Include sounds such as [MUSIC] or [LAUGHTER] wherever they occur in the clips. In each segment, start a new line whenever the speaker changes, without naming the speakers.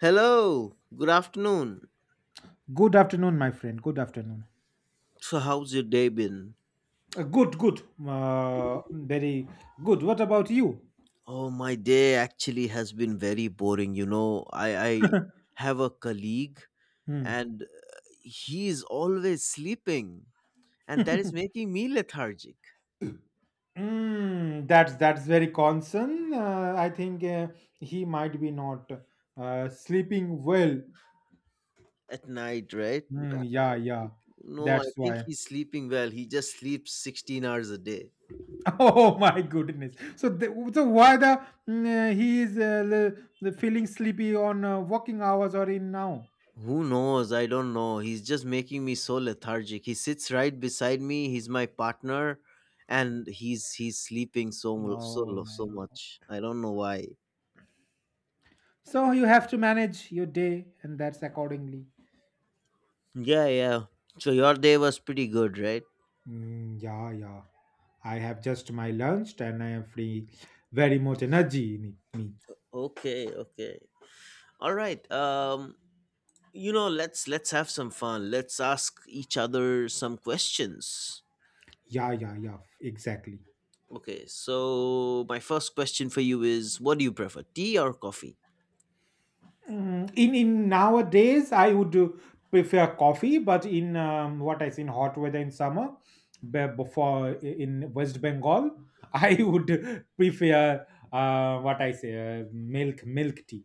Hello, good afternoon.
Good afternoon, my friend. Good afternoon.
So, how's your day been?
Good, good, very good. What about you?
Oh, my day actually has been very boring. You know, I
[LAUGHS]
have a colleague
Hmm.
and he is always sleeping, and that is making me lethargic
Mm, that's very concern. I think he might be not sleeping well.
at night, right?
Mm, yeah,
I
yeah.
think, no, I
That's
think
why.
he's sleeping well. He just sleeps 16 hours a day.
[LAUGHS] Oh my goodness. So, the, so why the mm, He is the feeling sleepy on working hours or in now?
Who knows? I don't know. He's just making me so lethargic. He sits right beside me. He's my partner, and he's sleeping
Oh my
so
god.
much. I don't know why.
So you have to manage your day, and that's accordingly.
Yeah, yeah. So your day was pretty good, right?
Mm, yeah, yeah. I have just my lunch and I am free. Very much energy in me.
Okay, okay. All right. Let's have some fun. Let's ask each other some questions.
Yeah, yeah, yeah. Exactly.
Okay. So my first question for you is, what do you prefer, tea or coffee?
In nowadays, I would prefer coffee, but in what I see in hot weather in summer, before in West Bengal, [LAUGHS] I would prefer what I say milk tea.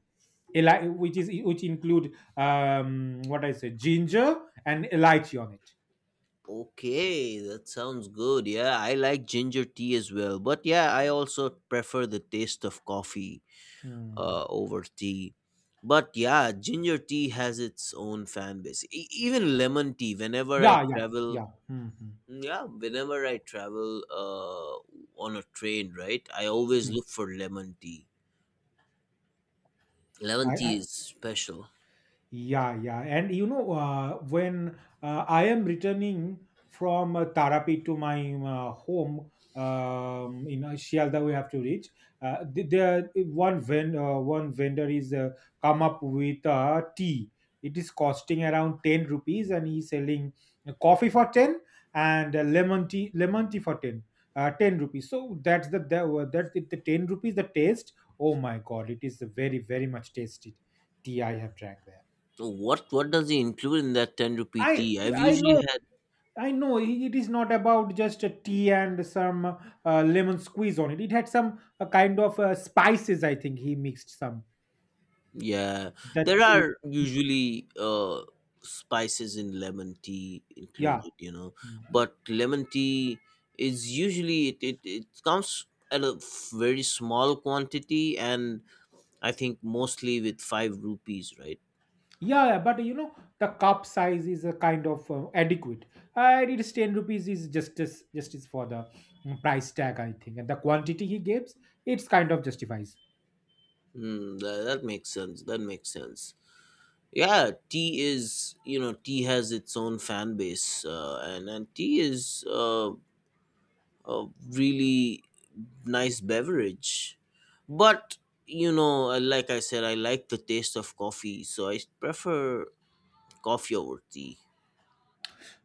Which is which include what I say ginger and elaichi on it.
Okay, that sounds good. Yeah, I like ginger tea as well. But yeah, I also prefer the taste of coffee
Hmm.
over tea. But yeah, ginger tea has its own fan base. Even lemon tea, whenever I
Yeah, yeah,
travel,
yeah. Mhm,
yeah, whenever I travel on a train, right, I always
mm.
look for lemon tea. Lemon tea
I
is special.
Yeah, yeah. And you know, when I am returning from Tarapet to my home in Shialda, we have to reach. One vendor is come up with tea. It is costing around 10 rupees, and he's selling coffee for 10 and lemon tea for 10, 10 rupees. So that's the that, that the 10 rupees. The taste. Oh my God! It is very much tasty tea I have drank there.
So what does it include in that 10 rupee
I
tea? I've
I
usually
know
had.
I know it is not about just a tea and some lemon squeeze on it. It had some kind of spices. I think he mixed some
Yeah,
that
there
tea.
are usually spices in lemon tea
Yeah.
included,
Mm.
but lemon tea is usually it comes at a very small quantity, and I think mostly with five rupees, right?
Yeah, yeah, but you know the cup size is a kind of adequate. It is 10 rupees is justice for the price tag I think, and the quantity he gives it's kind of justifies.
Hmm, that makes sense. That makes sense. Yeah, tea is, you know, tea has its own fan base, and tea is a really nice beverage. But you know, like I said, I like the taste of coffee, so I prefer coffee over tea.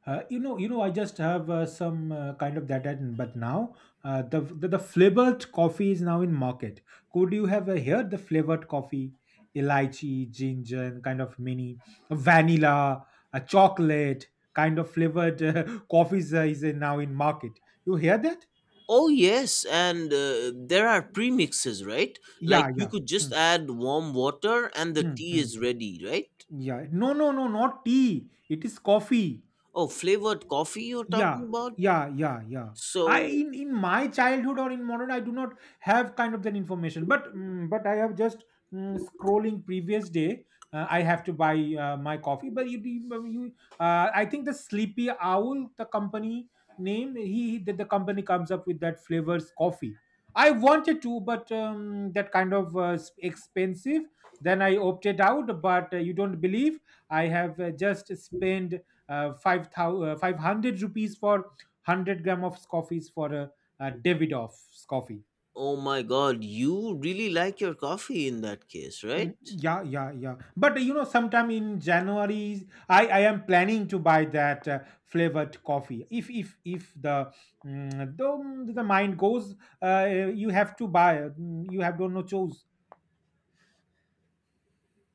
I just have some kind of that, and but now the flavored coffee is now in market. Could you have here the flavored coffee, elaichi, ginger, and kind of mini vanilla, a chocolate kind of flavored [LAUGHS] coffees is now in market. You hear that?
Oh yes, and there are premixes, right? Like
Yeah,
you
yeah.
could just
Mm,
add warm water and the
mm,
tea
mm.
is ready, right?
Yeah. No, no, no, not tea. It is coffee.
Oh, flavored coffee you're
Yeah,
talking about?
yeah, yeah, yeah. I
So,
in my childhood or in modern, I do not have kind of that information. But I have just scrolling previous day. I have to buy my coffee. But I think the Sleepy Owl, the company name, he that the company comes up with that flavors coffee. I wanted to, but that kind of expensive. Then I opted out. But you don't believe I have just spent five thousand, five hundred rupees for 100 gram of coffees for a davidoff's coffee.
oh my God, you really like your coffee in that case,
Mm,
right?
yeah, yeah, yeah. But you know sometime in January I am planning to buy that flavored coffee if the the mind goes uh, you have to buy you have don't know choose.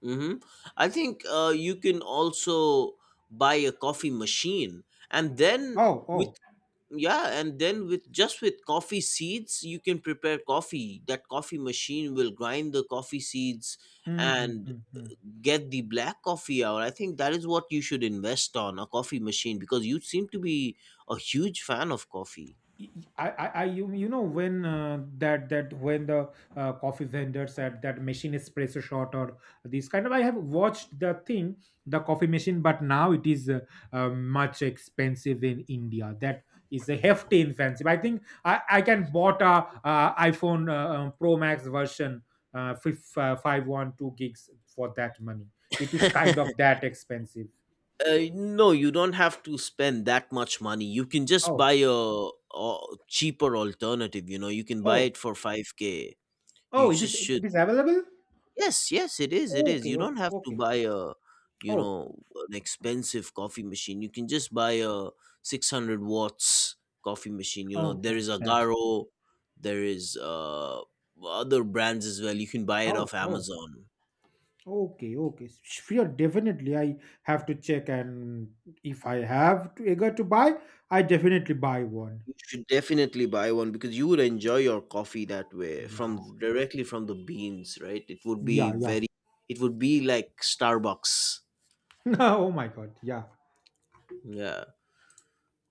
Mm-hmm. I think you can also buy a coffee machine, and then
Oh,
with
oh.
yeah, and then with just with coffee seeds, you can prepare coffee. That coffee machine will grind the coffee seeds
Mhm,
and
mhm, mhm.
get the black coffee out. I think that is what you should invest on a coffee machine because you seem to be a huge fan of coffee.
I you, you know when that that when the coffee vendors at that machine espresso shot or this kind of I have watched the thing the coffee machine. But now it is much expensive in India. That is a hefty expensive. I think I can bought a iPhone Pro Max version 512 gigs for that money. It is kind of
[LAUGHS]
that expensive.
No, you don't have to spend that much money. You can just buy
Oh,
a cheaper alternative. You know, you can buy
oh
it for 5K. You
oh, it is,
just should.
it is available.
Yes, yes, it is. It is.
Okay,
You don't
okay,
have to
okay.
buy a, you
Oh.
know, an expensive coffee machine. You can just buy a 600 watts coffee machine. You know,
Oh,
there
oh,
is
that's
Agaro, there is other brands as well. You can buy it
oh,
off
oh,
Amazon.
okay, okay. Sure, definitely. I have to check, and if I have to eager to buy, I definitely buy one.
You should definitely buy one because you would enjoy your coffee that way from
Yeah,
directly from the beans, right? It would be
yeah, yeah.
very it would be like Starbucks.
[LAUGHS] Oh my God, yeah.
Yeah.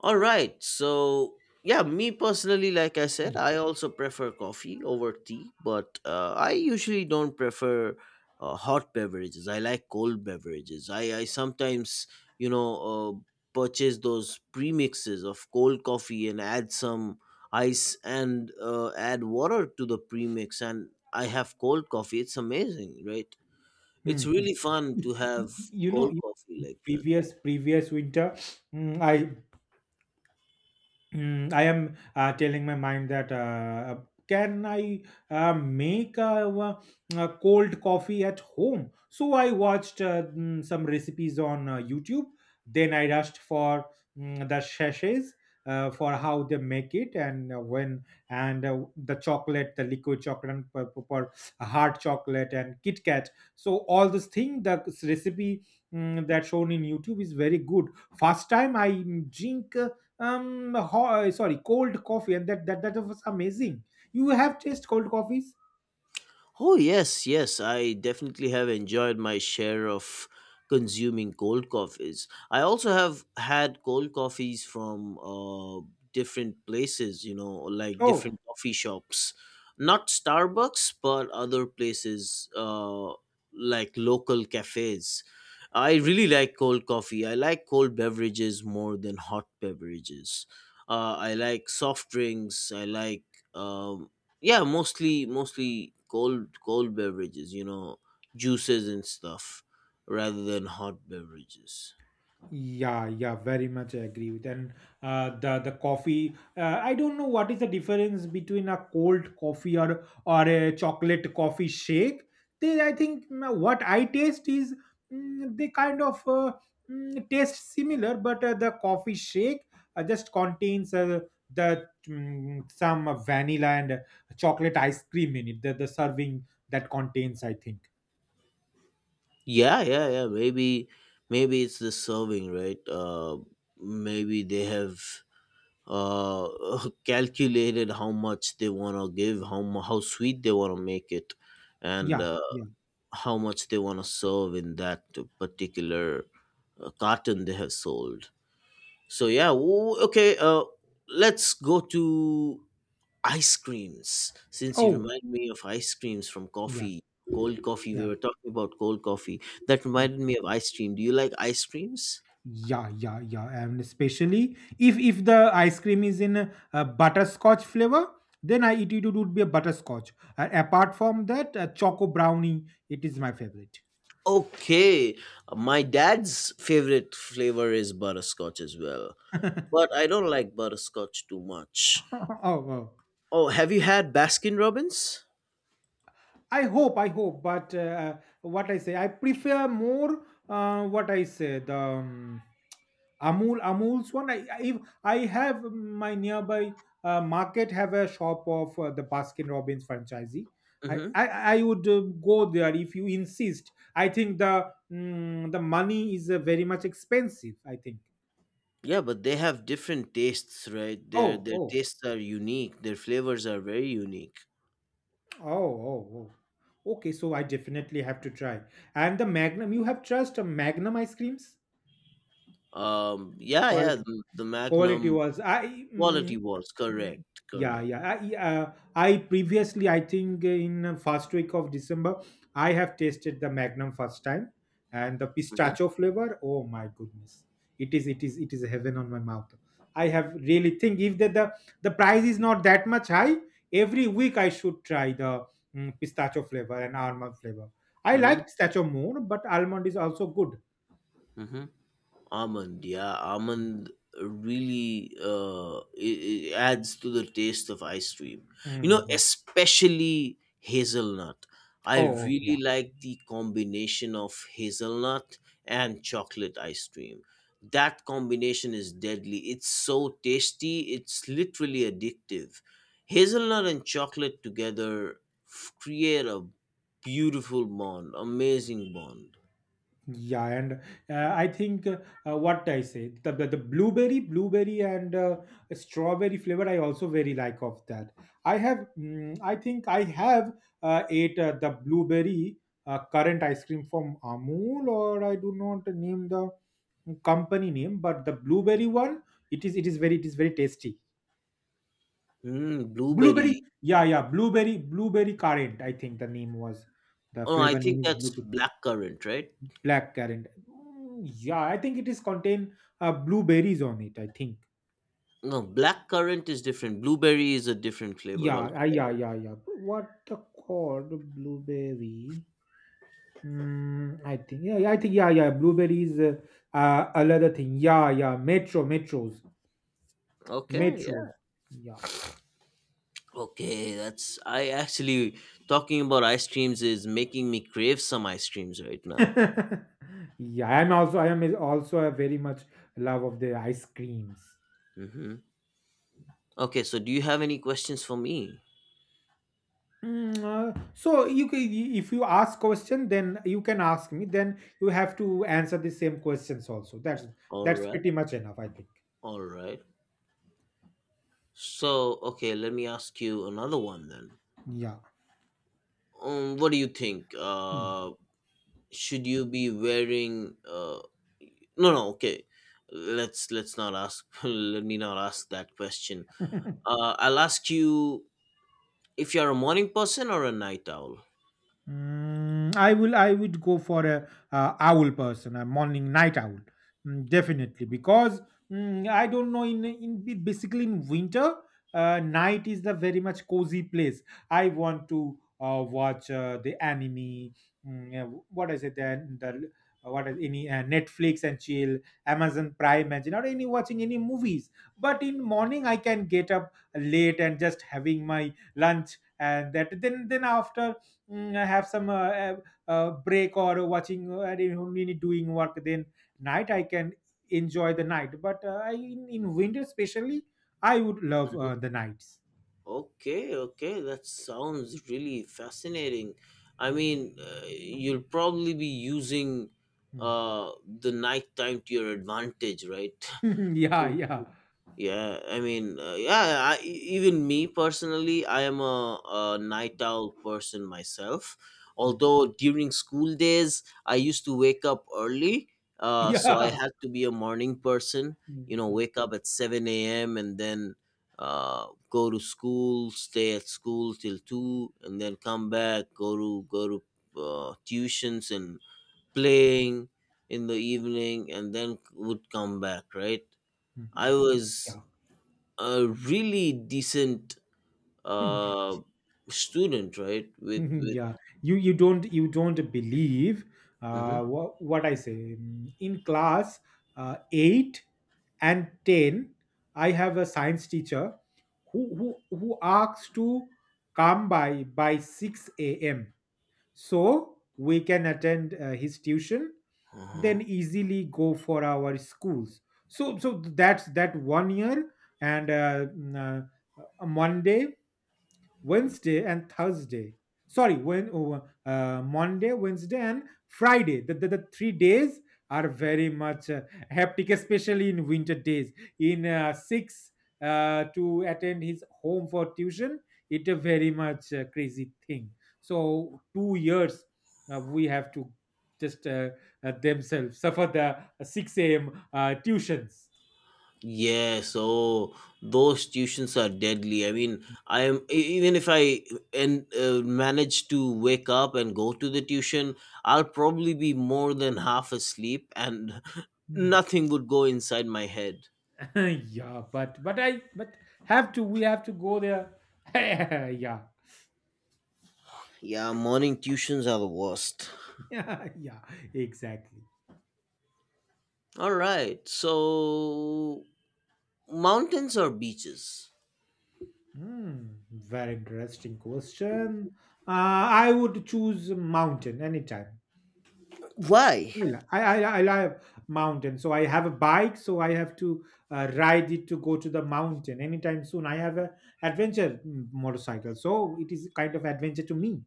All right. So, yeah, me personally, like I said, I also prefer coffee over tea, but I usually don't prefer hot beverages. I like cold beverages. I sometimes, you know, uh, purchase those premixes of cold coffee and add some ice and add water to the premix, and I have cold coffee. It's amazing, right? It's
Mhm.
really fun
Y-
to have
You know,
cold
in
coffee like that.
previous winter, mm, I I am telling my mind that can I make a cold coffee at home? So I watched some recipes on YouTube. Then I rushed for the sachets for how they make it and when and the chocolate, the liquid chocolate, and hard chocolate and Kit Kat. So all this thing, the recipe that shown in YouTube is very good. First time I drink, sorry cold coffee, and that was amazing. You have tasted cold coffees?
Oh, yes, yes. I definitely have enjoyed my share of consuming cold coffees. I also have had cold coffees from different places, you know, like
Oh,
different coffee shops. Not Starbucks, but other places like local cafes. I really like cold coffee. I like cold beverages more than hot beverages. I like soft drinks. I like um, yeah, mostly cold beverages, you know, juices and stuff, rather than hot beverages.
yeah, yeah, very much I agree with. And the coffee, I don't know what is the difference between a cold coffee or a chocolate coffee shake. They, I think what I taste is they kind of taste similar, but the coffee shake just contains some vanilla and chocolate ice cream in it. The serving that contains, I think.
Yeah, yeah, yeah, maybe it's the serving, right? Maybe they have [LAUGHS] calculated how much they want to give, how sweet they want to make it, and
Yeah, yeah.
how much they want to serve in that particular carton they have sold. So yeah, okay, let's go to ice creams, since you
Oh,
remind me of ice creams from
yeah,
coffee. cold coffee we were
yeah.
talking about cold coffee That
Hmm.
reminded me of ice cream. Do you like ice creams?
Yeah, yeah, yeah, and especially if the ice cream is in a butterscotch flavor, then it would be a butterscotch. Apart from that, choco brownie, it is my favorite.
Okay, my dad's favorite flavor is butterscotch as well,
[LAUGHS] [LAUGHS] oh,
but I don't like butterscotch too much.
oh.
Oh, have you had Baskin Robbins?
I hope, but what I say, I prefer more what I say the. Amul, Amul's one. I If I have my nearby market have a shop of the Baskin Robbins franchisee. I,
Mm-hmm.
I, I would go there if you insist. I think the the money is very much expensive, I think.
Yeah, but they have different tastes, right?
Oh,
Their
oh,
tastes are unique. Their flavors are very unique.
oh, oh, oh. Okay, so I definitely have to try. And the Magnum, you have trust on Magnum ice creams
Yeah, yeah.
quality.
The
quality
Magnum.
was i
Quality
mm,
was correct,
yeah,
correct.
yeah. I previously, I think in first week of December, I have tasted the Magnum first time, and the
Hmm,
pistachio flavor, oh my goodness, it is it is heaven on my mouth. I have really think if the price is not that much high, every week I should try the pistachio flavor and almond flavor. I
hmm,
like pistachio more, but almond is also good.
hmm. Almond, yeah, almond really it adds to the taste of ice cream, you know,
Mhm.
especially hazelnut. I
Oh yeah.
really like the combination of hazelnut and chocolate ice cream. That combination is deadly. It's so tasty, it's literally addictive. Hazelnut and chocolate together create a beautiful bond, amazing bond.
Yeah, and I think what I say the blueberry, blueberry and strawberry flavor I also very like of that. I have, I think I have ate the blueberry current ice cream from Amul, or I do not name the company name, but the blueberry one, it is very, it is very tasty. Blueberry,
Blueberry.
yeah, yeah, blueberry, blueberry current. I think the name was the
Oh, I
flavor
think
name is
that's
blue.
blackcurrant, right?
Black currant. Mm, yeah, I think it is contain blueberries on it, I think.
No, blackcurrant is different. Blueberry is a different flavor
Yeah, yeah,
altogether.
yeah, yeah. What the called blueberry? Mm, I think. Yeah, yeah, I think. Yeah, yeah. Blueberries. Another thing. Yeah, yeah. Metro,
Okay,
metros.
yeah.
Yeah.
Okay, that's I actually talking about ice creams is making me crave some ice creams right now.
[LAUGHS] yeah, I am also a very much love of the ice creams.
Mm-hmm. Okay, so do you have any questions for me?
So you can, if you ask question, then you can ask me. Then you have to answer the same questions also.
All
That's
right,
pretty much enough, I think.
all right. So, okay, let me ask you another one then.
Yeah.
What do you think?
Hmm.
Should you be wearing no okay, let's not ask. [LAUGHS] Let me not ask that question.
[LAUGHS]
I'll ask you if you're a morning person or a night owl.
Mm, I will. I would go for a owl person, a morning night owl, definitely, because I don't know. In basically in winter, night is the very much cozy place. I want to watch the anime. Yeah, what is it? Then the what is any Netflix and chill, Amazon Prime and chill, or any watching any movies. But in morning, I can get up late and just having my lunch and that. Then after have some break or watching I don't need doing work, then night I can enjoy the night. But in winter especially I would love
Mhm.
the nights.
Okay, okay, that sounds really fascinating. I mean, you'll probably be using
Mm.
the night time to your advantage, right?
[LAUGHS]
[LAUGHS]
yeah
To
yeah.
yeah, I mean, even me personally, I am a night owl person myself.
Mm.
Although during school days, I used to wake up early, so I
Yeah.
had to be a morning person. You
Mm,
know,
mm,
wake up at 7 a.m. and then go to school, stay at school till two, and then come back, go to tuitions and playing in the evening, and then would come back. Right.
mm.
I was
Yeah.
a really decent
[LAUGHS]
uh student, right, with with.
yeah. You don't believe
Mhm.
what I say. In class 8 and 10, I have a science teacher who who asks to come by 6 a.m. so we can attend his tuition,
Uh-huh.
then easily go for our schools. So that's that one year. And Monday, Wednesday, and Thursday. Sorry, Monday, Wednesday, and Friday. The Three days are very much hectic, especially in winter days. In six to attend his home for tuition, it's a very much crazy thing. So two years we have to just themselves suffer the 6 a.m. Tuitions.
Yeah, so those tuitions are deadly. I mean, I am even if I and manage to wake up and go to the tuition, I'll probably be more than half asleep, and [LAUGHS]
Hmm.
nothing would go inside my head.
[LAUGHS] yeah, but I but have to we have to go there. [LAUGHS] yeah.
Yeah, morning tuitions are the worst.
[LAUGHS] yeah, yeah, exactly.
All right, so mountains or beaches?
Hmm, very interesting question. I would choose mountain anytime.
Why?
Well, I love mountain, so I have a bike, so I have to ride it to go to the mountain anytime soon. I have a adventure motorcycle, so it is kind of adventure to me.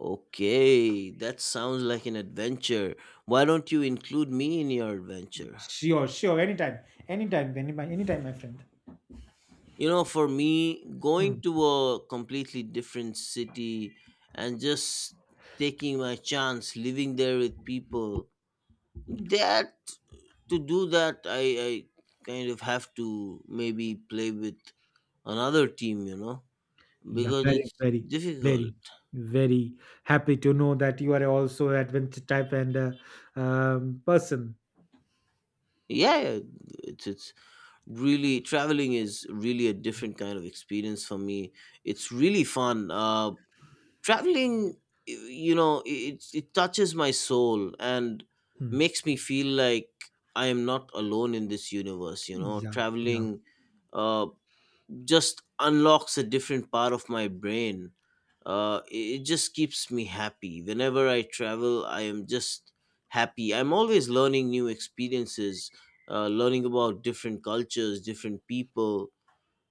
Okay, that sounds like an adventure. Why don't you include me in your adventure?
Sure, sure, anytime, anytime, anytime, anytime, my friend.
You know, for me, going
Hmm.
to a completely different city and just taking my chance, living there with people, that to do that, I kind of have to maybe play with another team, you know,
Yeah,
because
very,
it's
very,
difficult.
very, very happy to know that you are also adventure type and person.
Yeah, yeah, it's really traveling is really a different kind of experience for me. It's really fun. Traveling, you know, it touches my soul and
Hmm.
makes me feel like I am not alone in this universe. You know,
Yeah, yeah,
traveling uh just unlocks a different part of my brain. It it just keeps me happy. Whenever I travel, I am just happy. I'm always learning new experiences, learning about different cultures, different people.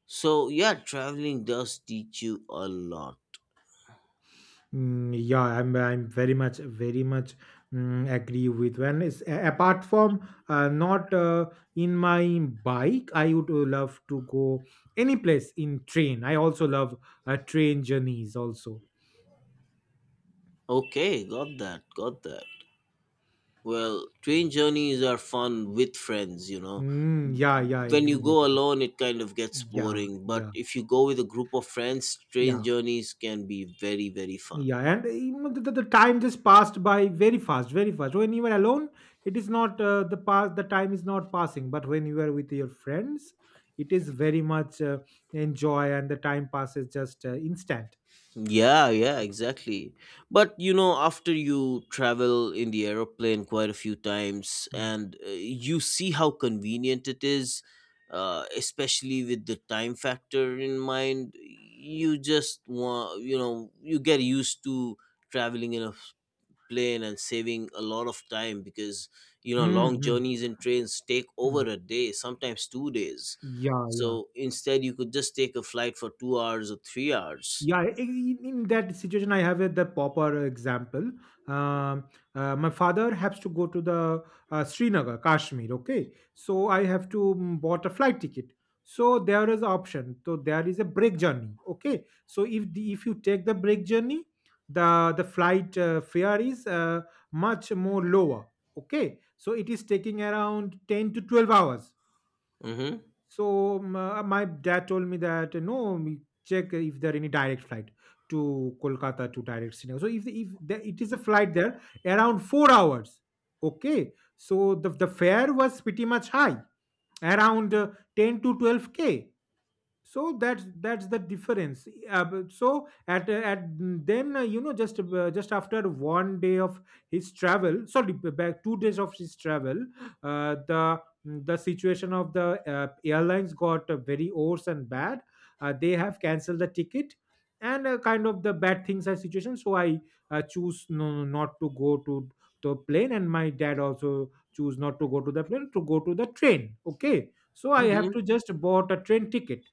So, yeah, traveling does teach you a lot.
yeah. I'm very much, very much agree with when it's apart from not in my bike. I would love to go any place in train. I also love train journeys also.
Okay, got that, got that. Well, train journeys are fun with friends, you know.
Mm, yeah, yeah,
When you
agree,
go
agree.
alone, it kind of gets
Yeah,
boring, but
yeah,
if you go with a group of friends, train
yeah.
journeys can be very, very fun.
Yeah, and you the time just passed by very fast, very fast. When you are alone, it is not the past. The time is not passing, but when you are with your friends, it is very much enjoy, and the time passes just instant.
Yeah, yeah, exactly. But you know, after you travel in the aeroplane quite a few times
Mm.
and you see how convenient it is, especially with the time factor in mind, you just want, you know, you get used to traveling in a plane and saving a lot of time because, you know,
Mm,
long
mm,
journeys in trains take over
mm.
a day, sometimes 2 days.
Yeah, yeah.
So instead, you could just take a flight for 2 hours or 3 hours.
Yeah, in that situation, I have the proper example. Um, my father has to go to the Srinagar, Kashmir. Okay, so I have to bought a flight ticket. So there is option. So there is a break journey. Okay, so if you take the break journey, the flight fare is much more lower. Okay, so it is taking around 10 to 12 hours,
Mm-hmm.
so my dad told me that no, we check if there are any direct flight to Kolkata to direct Srinagar. So if the, it is a flight there around 4 hours, okay. So the fare was pretty much high, around 10 to 12 k, so that's the difference. So at then just after one day of his travel, sorry, back 2 days of his travel, uh, the the situation of the airlines got very worse and bad, they have canceled the ticket, and kind of the bad things are situation, so I choose no, not to go to the plane, and my dad also choose not to go to the plane to go to the train. Okay, so I have
Mm-hmm.
to just bought a train ticket.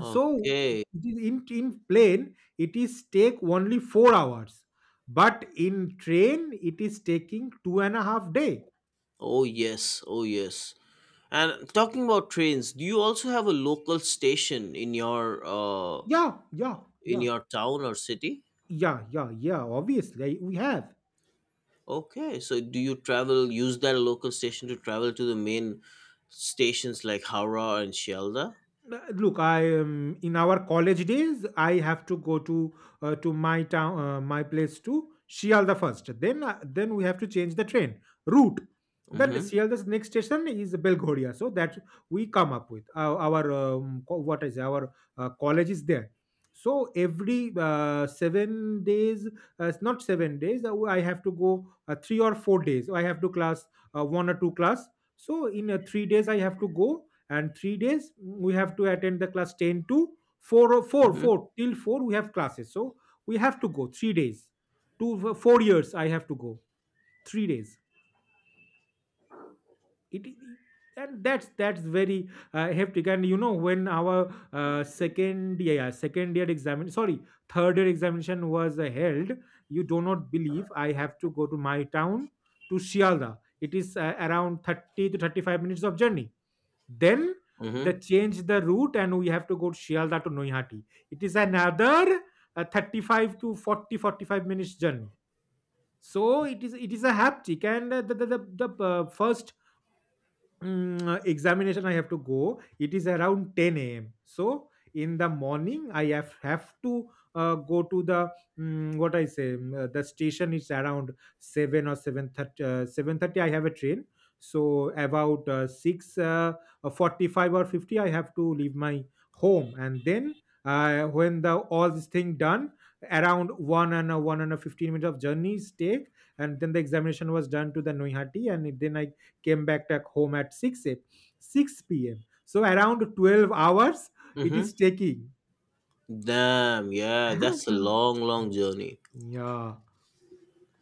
So it is in plane it is take only 4 hours, but in train it is taking 2.5 day.
Oh yes. Oh yes. And talking about trains, do you also have a local station
Yeah, yeah,
in
yeah,
your town or city?
yeah, yeah, yeah, obviously, we have.
Okay. So do you travel use that local station to travel to the main stations like Howrah and Shielda?
Look, I in our college days, I have to go to my town, my place to Shialda first. Then we have to change the train route. Then
Mm-hmm.
Shialda's next station is Belghoria. So that we come up with our what is our college is there. So every 7 days, it's not 7 days, I have to go 3 or 4 days. I have to class one or two class. So in 3 days, I have to go, and 3 days we have to attend the class 10 to
Mm-hmm.
4 till 4 we have classes, so we have to go 3 days, 2 to 4 years I have to go 3 days. It and that's very hectic, and you know when our second year, yeah, second year examination, sorry, third year examination was held. You do not believe I have to go to my town to Shialda. It is around 30 to 35 minutes of journey. Then they
Mm-hmm.
change the route and we have to go to Shialda to Noihati. It is another 35 to 45 minutes journey. So it is a haptic, and the first examination I have to go. It is around 10 a.m. So in the morning, I have to go to the mm, what I say. Mm, the station is around 7 or 7:30. 7:30, I have a train. So about six 45 or 50, I have to leave my home, and then when the all this thing done, around one and a 15 minutes of journeys take, and then the examination was done to the Noihati, and then I came back at home at 6 p.m. So around 12 hours it is
Mm-hmm.
taking.
Damn, yeah, that's a
[LAUGHS]
long, long journey.
Yeah.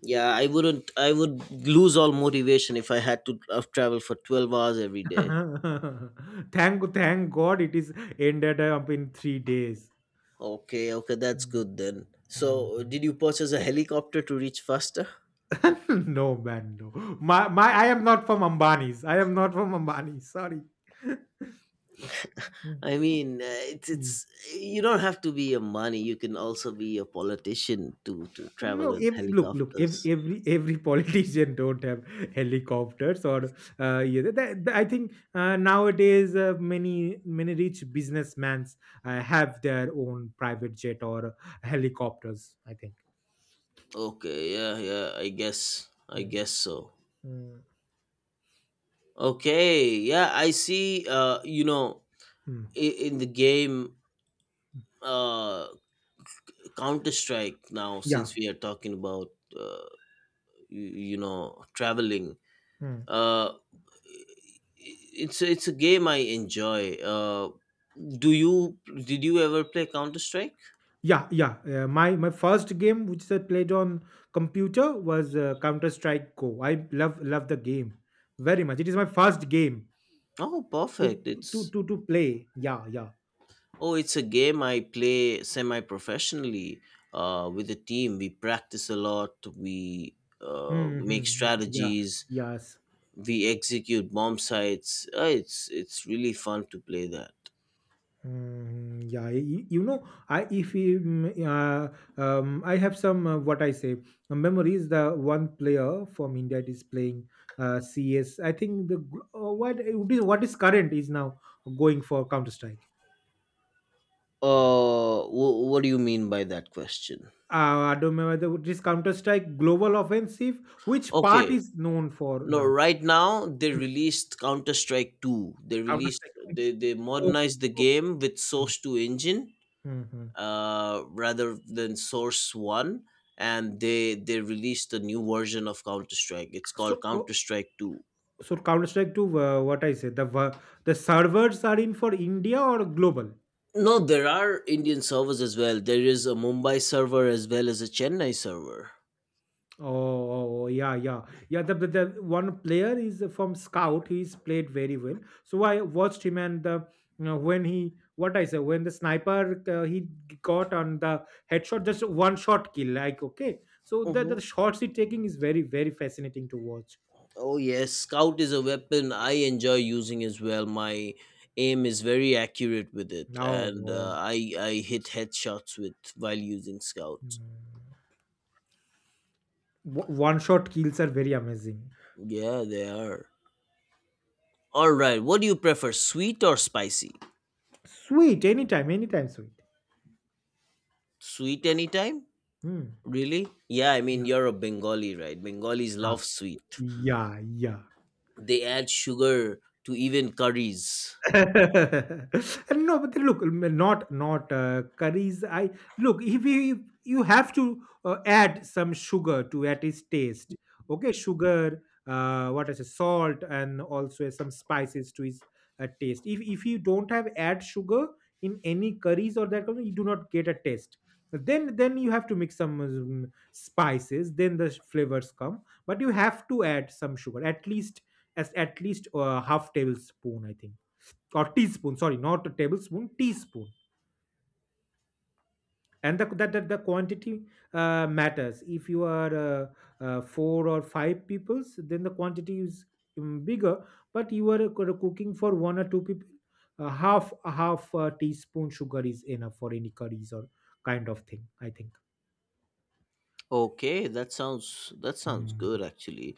Yeah, I wouldn't I would lose all motivation if I had to travel for 12 hours every day.
[LAUGHS] Thank God it is ended up in 3 days.
Okay, okay, that's good then.
Mm,
So,
mm.
did you purchase a helicopter to reach faster?
[LAUGHS] No, man, no. My I am not from Ambani's. I am not from Ambani. Sorry.
I mean,
Mm.
it's you don't have to be a money. You can also be a politician to travel
No,
in
look, look.
helicopters.
Every [LAUGHS] politician don't have helicopters or yeah, I think nowadays many rich businessmen have their own private jet or helicopters. I think.
Okay, yeah, yeah, I
Mm,
guess so.
mm,
Okay, yeah, I see. You know,
mm.
in the game, uh, Counter Strike. Now,
Yeah.
since we are talking about, uh, you know, traveling.
Mm.
Uh, it's a game I enjoy. Do you did you ever play Counter Strike?
Yeah, yeah. My first game, which I played on computer, was Counter Strike Go. I love the game very much. It is my first game
Oh,
to
perfect.
to
It's
to to play. Yeah, yeah.
oh, it's a game I play semi professionally. With the team, we practice a lot. We
Mhm,
make
mhm. Yeah.
strategies.
Yes.
We execute bomb sites. It's really fun to play that.
Mm, yeah. You know, I if you, I have some what I say memories. The one player from India that is playing CS. I think what it is what is current is now going for Counter Strike.
What do you mean by that question?
I don't remember this Counter Strike Global Offensive. Which part
Okay,
is known for
no,
now?
right now they
Hmm.
released Counter Strike 2. They
Counter
released
Strike.
they, they
Okay.
modernized the
Okay.
game with Source 2 engine
Mhm.
rather than Source 1, and they released a new version of Counter Strike. It's called
So, uh,
Counter Strike 2.
So Counter Strike 2, what I say, the servers are in for India or global?
No, there are Indian servers as well. There is a Mumbai server as well as a Chennai server.
Oh, oh, oh, yeah, yeah, yeah. The one player is from Scout. He's played very well. So I watched him, and the when he what I say when the sniper he got on the headshot, just one shot kill. Like, okay, so the
Mhm.
shots he taking is very very fascinating to watch.
Oh yes, scout is a weapon I enjoy using as well. My aim is very accurate with it,
Oh,
and uh,
oh.
I I hit headshots with while using scout.
Mm. One shot kills are very amazing.
Yeah, they are. All right, what do you prefer, sweet or spicy?
Sweet, anytime, anytime, sweet.
Sweet anytime?
Hmm.
Really? Yeah, I mean
Yeah.
you're a Bengali, right? Bengalis
啊，
love sweet.
咿呀咿呀。
They add sugar to even curries.
[LAUGHS] And no, but then look, not curries. I look, if you have to add some sugar to at its taste. Okay, sugar, what is it, salt, and also some spices to his taste. If you don't have add sugar in any curries or that kind of, you do not get a taste. Then you have to mix some spices. Then the flavors come, but you have to add some sugar at least, half tablespoon, I think, or teaspoon, sorry, not a tablespoon, teaspoon, and the, that, that the quantity matters if you are four or five peoples, then the quantity is bigger, but you are cooking for one or two people, half a half teaspoon sugar is enough for any curries or kind of thing, I think.
Okay, that sounds
Hmm.
good actually.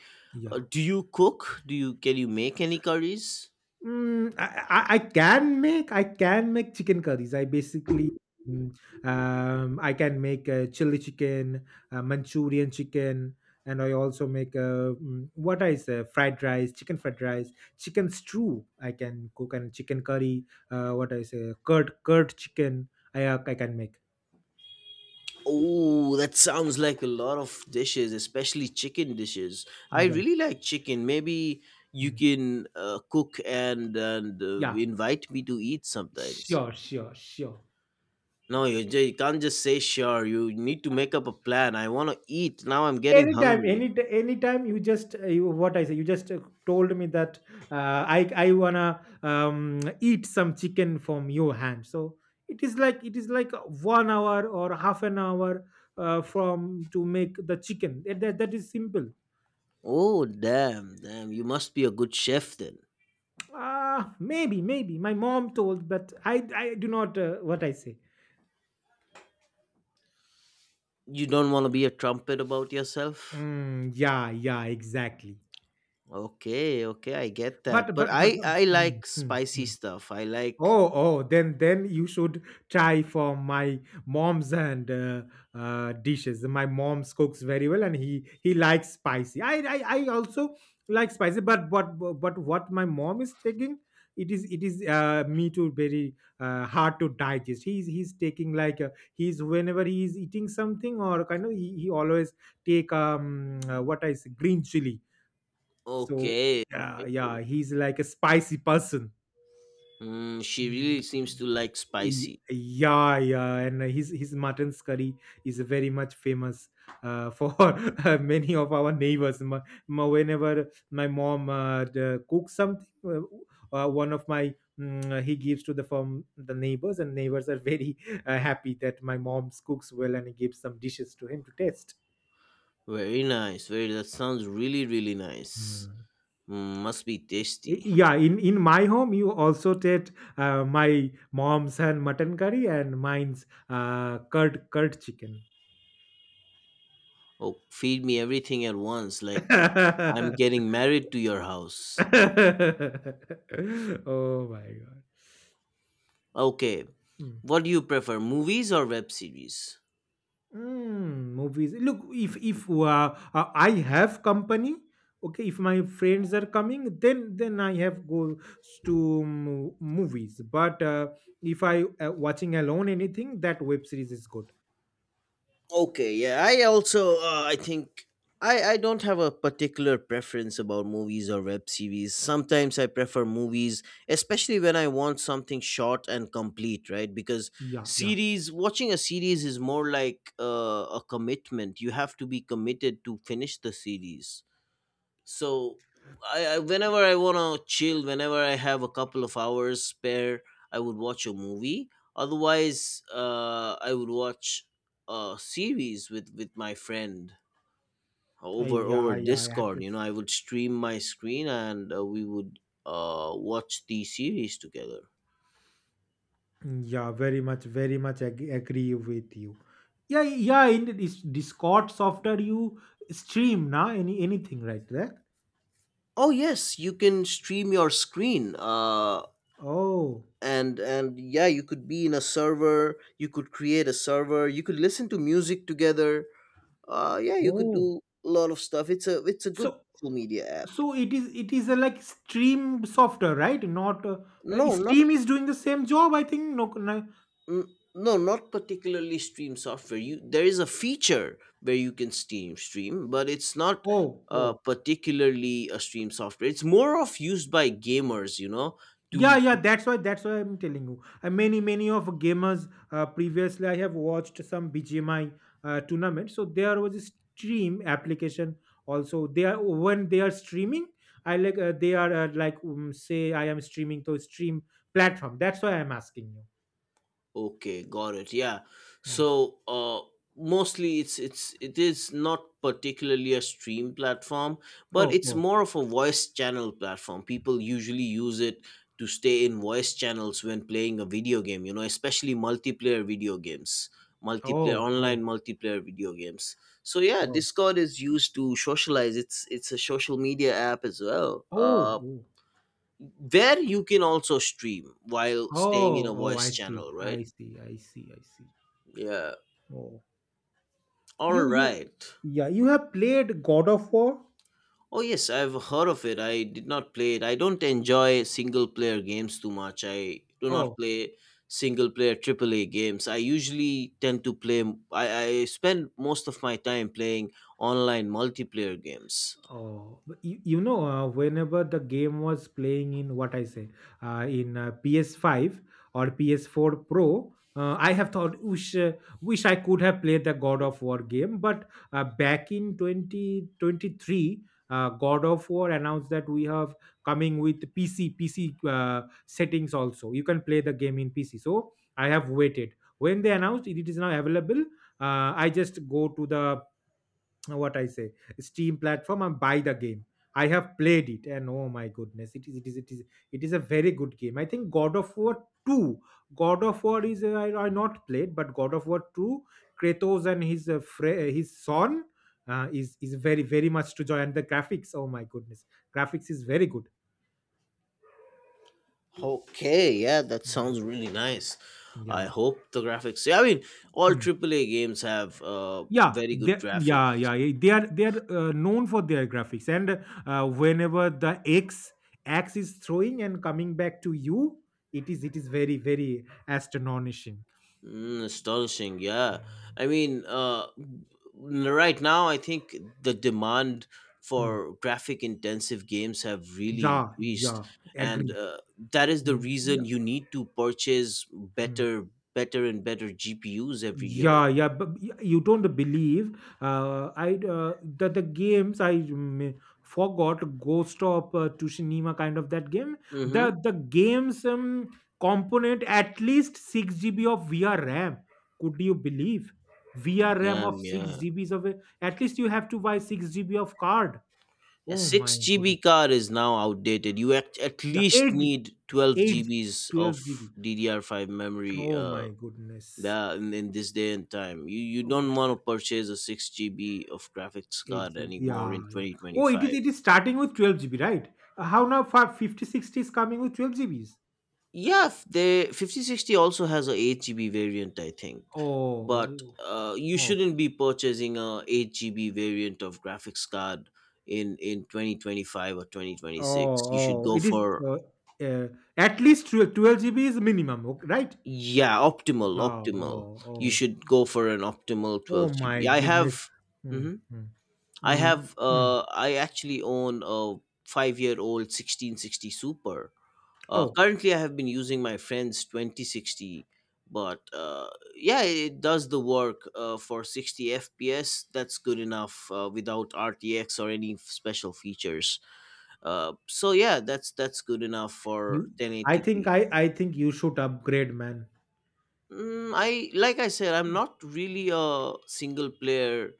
Yeah.
Do you cook? Do you Can you make any curries?
Mm, I can make chicken curries. I basically mm, I can make a chili chicken, a Manchurian chicken, and I also make a what I say fried rice, chicken stew. I can cook and chicken curry. What I say curd chicken. I can make.
Oh, that sounds like a lot of dishes, especially chicken dishes. I
Yeah.
really like chicken. Maybe you
Mm.
can cook and
Yeah.
invite me to eat sometimes.
Sure, sure, sure.
No, you, you can't just say sure. You need to make up a plan. I want to eat. Now I'm getting
Anytime,
hungry.
anytime, you just what I say, you just told me that I wanna eat some chicken from your hand, so it is like 1 hour or half an hour from to make the chicken, that is simple.
Oh, damn, damn. You must be a good chef then.
Ah, maybe my mom told, but I do not what I say.
You don't want to be a trumpet about yourself?
Yeah, yeah, exactly.
Okay, okay, I get that.
but
But
but but,
I
but
I
mm,
like
mm,
spicy
mm.
stuff. I like.
Oh, oh, then you should try from my mom's and dishes. My mom cooks very well, and he likes spicy. I also like spicy, but what my mom is taking, it is me too very hard to digest. He's taking like he's whenever he is eating something or kind of he always take what I say green chili. So,
Okay, okay.
yeah, yeah, he's like a spicy person.
Mm, she really
Mm.
seems to like spicy.
Yeah, yeah, and his mutton curry is very much famous for [LAUGHS] many of our neighbors. Whenever my mom cooks something, one of my he gives to the from the neighbors, and neighbors are very happy that my mom cooks well and gives some dishes to him to taste.
Very nice. Very That sounds really really nice.
Hmm.
Mm, must be tasty.
Yeah, in my home you also taste my mom's and mutton curry and mine's curd chicken.
Oh, feed me everything at once like I'm
[LAUGHS]
getting married to your house.
Oh my god.
Okay.
Hmm.
What do you prefer, movies or web series?
Mm, movies. Look, if I have company, okay, if my friends are coming, then I have go to movies. But if I watching alone anything, that web series is good.
Okay, yeah, I also I think I don't have a particular preference about movies or web series. Sometimes I prefer movies, especially when I want something short and complete, right? Because
Yeah, yeah.
series watching a series is more like a commitment. You have to be committed to finish the series, so I whenever I want to chill, whenever I have a couple of hours spare, I would watch a movie. Otherwise, I would watch a series with my friend over
Yeah, yeah, I
Discord.
agree.
You know, I would stream my screen, and we would watch the series together.
Yeah, very much, very much agree with you. Yeah, yeah, in this Discord software you stream now anything right there.
Oh yes, you can stream your screen,
Oh,
and yeah, you could be in a server, you could create a server, you could listen to music together. Yeah, you could
oh.
do a lot of stuff. It's a good
So
social media app.
so it is a like Stream software, right? Not.
no not
Stream is doing the same job, I think. No, no.
n- no not particularly stream software. You, there is a feature where you can steam stream, but it's not
Oh, oh.
particularly a stream software. It's more of used by gamers, you know,
Yeah,
to.
yeah. That's why. That's why I'm telling you. Many of gamers previously I have watched some BGMI tournament. So there was a Stream application also. They are When they are streaming. I like they are like say I am streaming to Stream platform. That's why I'm asking you.
Okay, got it. Yeah.
Mm.
So mostly it is not particularly a stream platform, but
Oh,
it's
oh,
more of a voice channel platform. People usually use it to stay in voice channels when playing a video game, you know, especially multiplayer video games,
oh, oh.
multiplayer video games. So yeah,
Oh,
Discord is used to socialize. It's a social media app as well.
oh, oh,
Where you can also stream while staying in
oh,
a
oh,
voice
I
channel,
see,
right?
I see, I see, I see.
Yeah.
Oh,
All
you, you,
right.
yeah, you have played God of War?
Oh yes, I've heard of it. I did not play it. I don't enjoy single player games too much. I do not play single player AAA games. I usually tend to play. I, I spend most of my time playing online multiplayer games.
Oh, but whenever the game was playing in what I say, in PS5 or PS4 Pro, I have thought wish wish I could have played the God of War game. But back in 2023, God of War announced that we have coming with PC settings also. You can play the game in PC. So I have waited. When they announced it, it is now available. I just go to the what I say, Steam platform and buy the game. I have played it, and oh my goodness, it is a very good game. I think God of War two, God of War I not played, but God of War two, Kratos and his son is very very much to joy, and the graphics. Oh my goodness, graphics is very good.
Okay, yeah, that
Mhm.
sounds really nice. I
Yeah.
hope the graphics. I mean, all
Hmm.
AAA games have
Yeah,
very good
yeah,
graphics.
yeah, yeah, they are known for their graphics, and whenever the X is throwing and coming back to you, it is very very astonishing.
Mm, astonishing, yeah.
Mm.
I mean, right now, I think the demand
Hmm.
for graphic intensive games have really
Yeah,
increased,
yeah.
and
Agree.
that is the
Mm,
reason
yeah.
you need to purchase
Hmm.
better, better and better GPUs every year.
Yeah, yeah, but you don't believe. I the games I forgot Ghost of Tsushima kind of that game.
Mm-hmm.
The games component at least 6 GB of VR RAM. Could you believe VR RAM of
Damn, yeah.
6 GBs at least you have to buy 6 GB of card.
A
Oh
6
my goodness.
GB card is now outdated. You at
Yeah,
least
eight
need 12
eight,
GBs of
12 GB.
DDR5 memory.
Oh my goodness.
Yeah, in this day and time, you
Oh
don't want to purchase a 6 GB of graphics card
8 GB.
anymore
Yeah,
in
yeah. Oh, it is
2025.
it is starting with 12 GB, right? How now for 5060 is coming with 12 GBs?
Yeah, the 5060 also has a 8 GB variant, I think. But
Oh,
you
oh,
shouldn't be purchasing a 8 GB variant of graphics card in 2025 or
oh,
2026. You should
oh.
go
It is
for,
uh, uh, at least 12 GB is minimum, okay, right?
yeah,
Oh,
optimal, optimal.
oh,
You
oh.
should go for an optimal
Oh
12
my
GB. I
goodness.
have.
Mm,
Mhm.
mm,
I
mm,
have
mm.
I actually own a 5 year old 1660 Super.
Oh,
Currently, I have been using my friend's 2060, but yeah, it does the work for 60 FPS. That's good enough without RTX or any special features. So yeah, that's good enough for
you
1080p.
I think you should upgrade, man.
Mm, I like I said, I'm not really a single player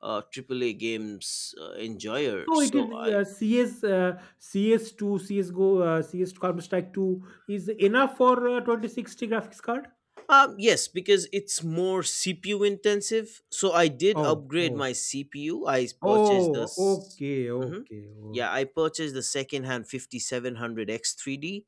AAA games enjoyer.
So it
So
is
I.
CS CS2 CS:GO CS Counter Strike 2 is enough for 2060 graphics card?
Yes, because it's more CPU intensive. So I did
Oh,
upgrade
oh,
my CPU. I purchased the.
oh, okay,
Mm-hmm.
okay, oh,
Yeah, I purchased the secondhand 5700 X3D,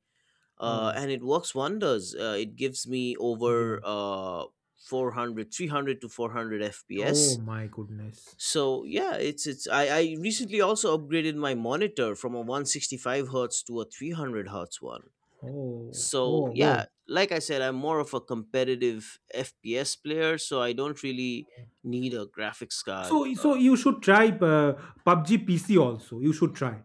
oh,
and it works wonders. It gives me
yeah.
over 400 300 to 400 FPS.
Oh my goodness.
So yeah, I recently also upgraded my monitor from a 165 hertz to a 300 hertz one.
Oh,
So
oh,
yeah,
oh.
like I said, I'm more of a competitive FPS player, so I don't really need a graphics card.
So,
uh,
you should try PUBG PC also. You should try.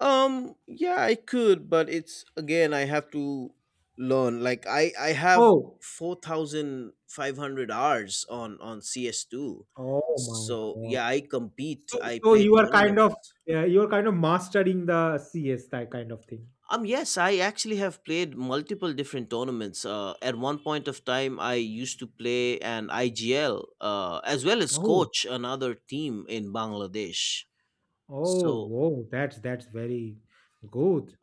yeah, I could, but it's again, I have to learn. Like, I have
Oh,
4500 hours on CS2.
oh my
So
God.
yeah, I compete,
So,
I
so
play
you are kind of
tournaments.
mastering the CS that kind of thing.
Yes, I actually have played multiple different tournaments. At one point of time, I used to play an IGL as well as
Oh.
coach another team in Bangladesh.
Oh,
So
wow, that's very good.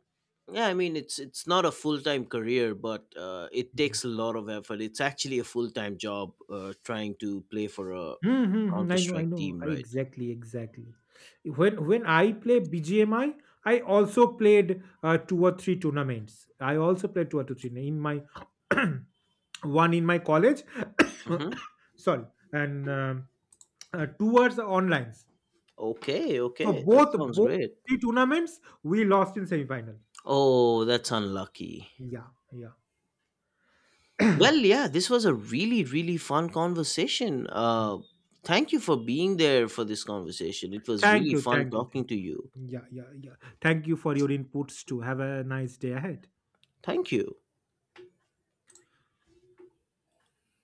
yeah, I mean it's not a full time career, but it takes a lot of effort. It's actually a full time job trying to play for a
Mm-hmm,
Counter
I know, I
Strike
know.
team,
I,
right?
exactly, exactly. When I play BGMI, I also played two or three tournaments. I also played two or three in my [CLEARS THROAT] [COUGHS] one in my college.
Mm-hmm.
[COUGHS] Sorry, and two was online.
Okay,
So
okay, that
both
sounds
both
great.
three tournaments we lost in semifinal.
Oh, that's unlucky.
Yeah, yeah.
Well, yeah, this was a really, really fun conversation.
[CLEARS THROAT] [COUGHS]
Thank you for being there for this conversation. It was
Thank
really
you.
fun
Thank you.
talking
Thank
to
you.
you.
Yeah, yeah, yeah. Thank you for your inputs too. Have a nice day ahead.
Thank you.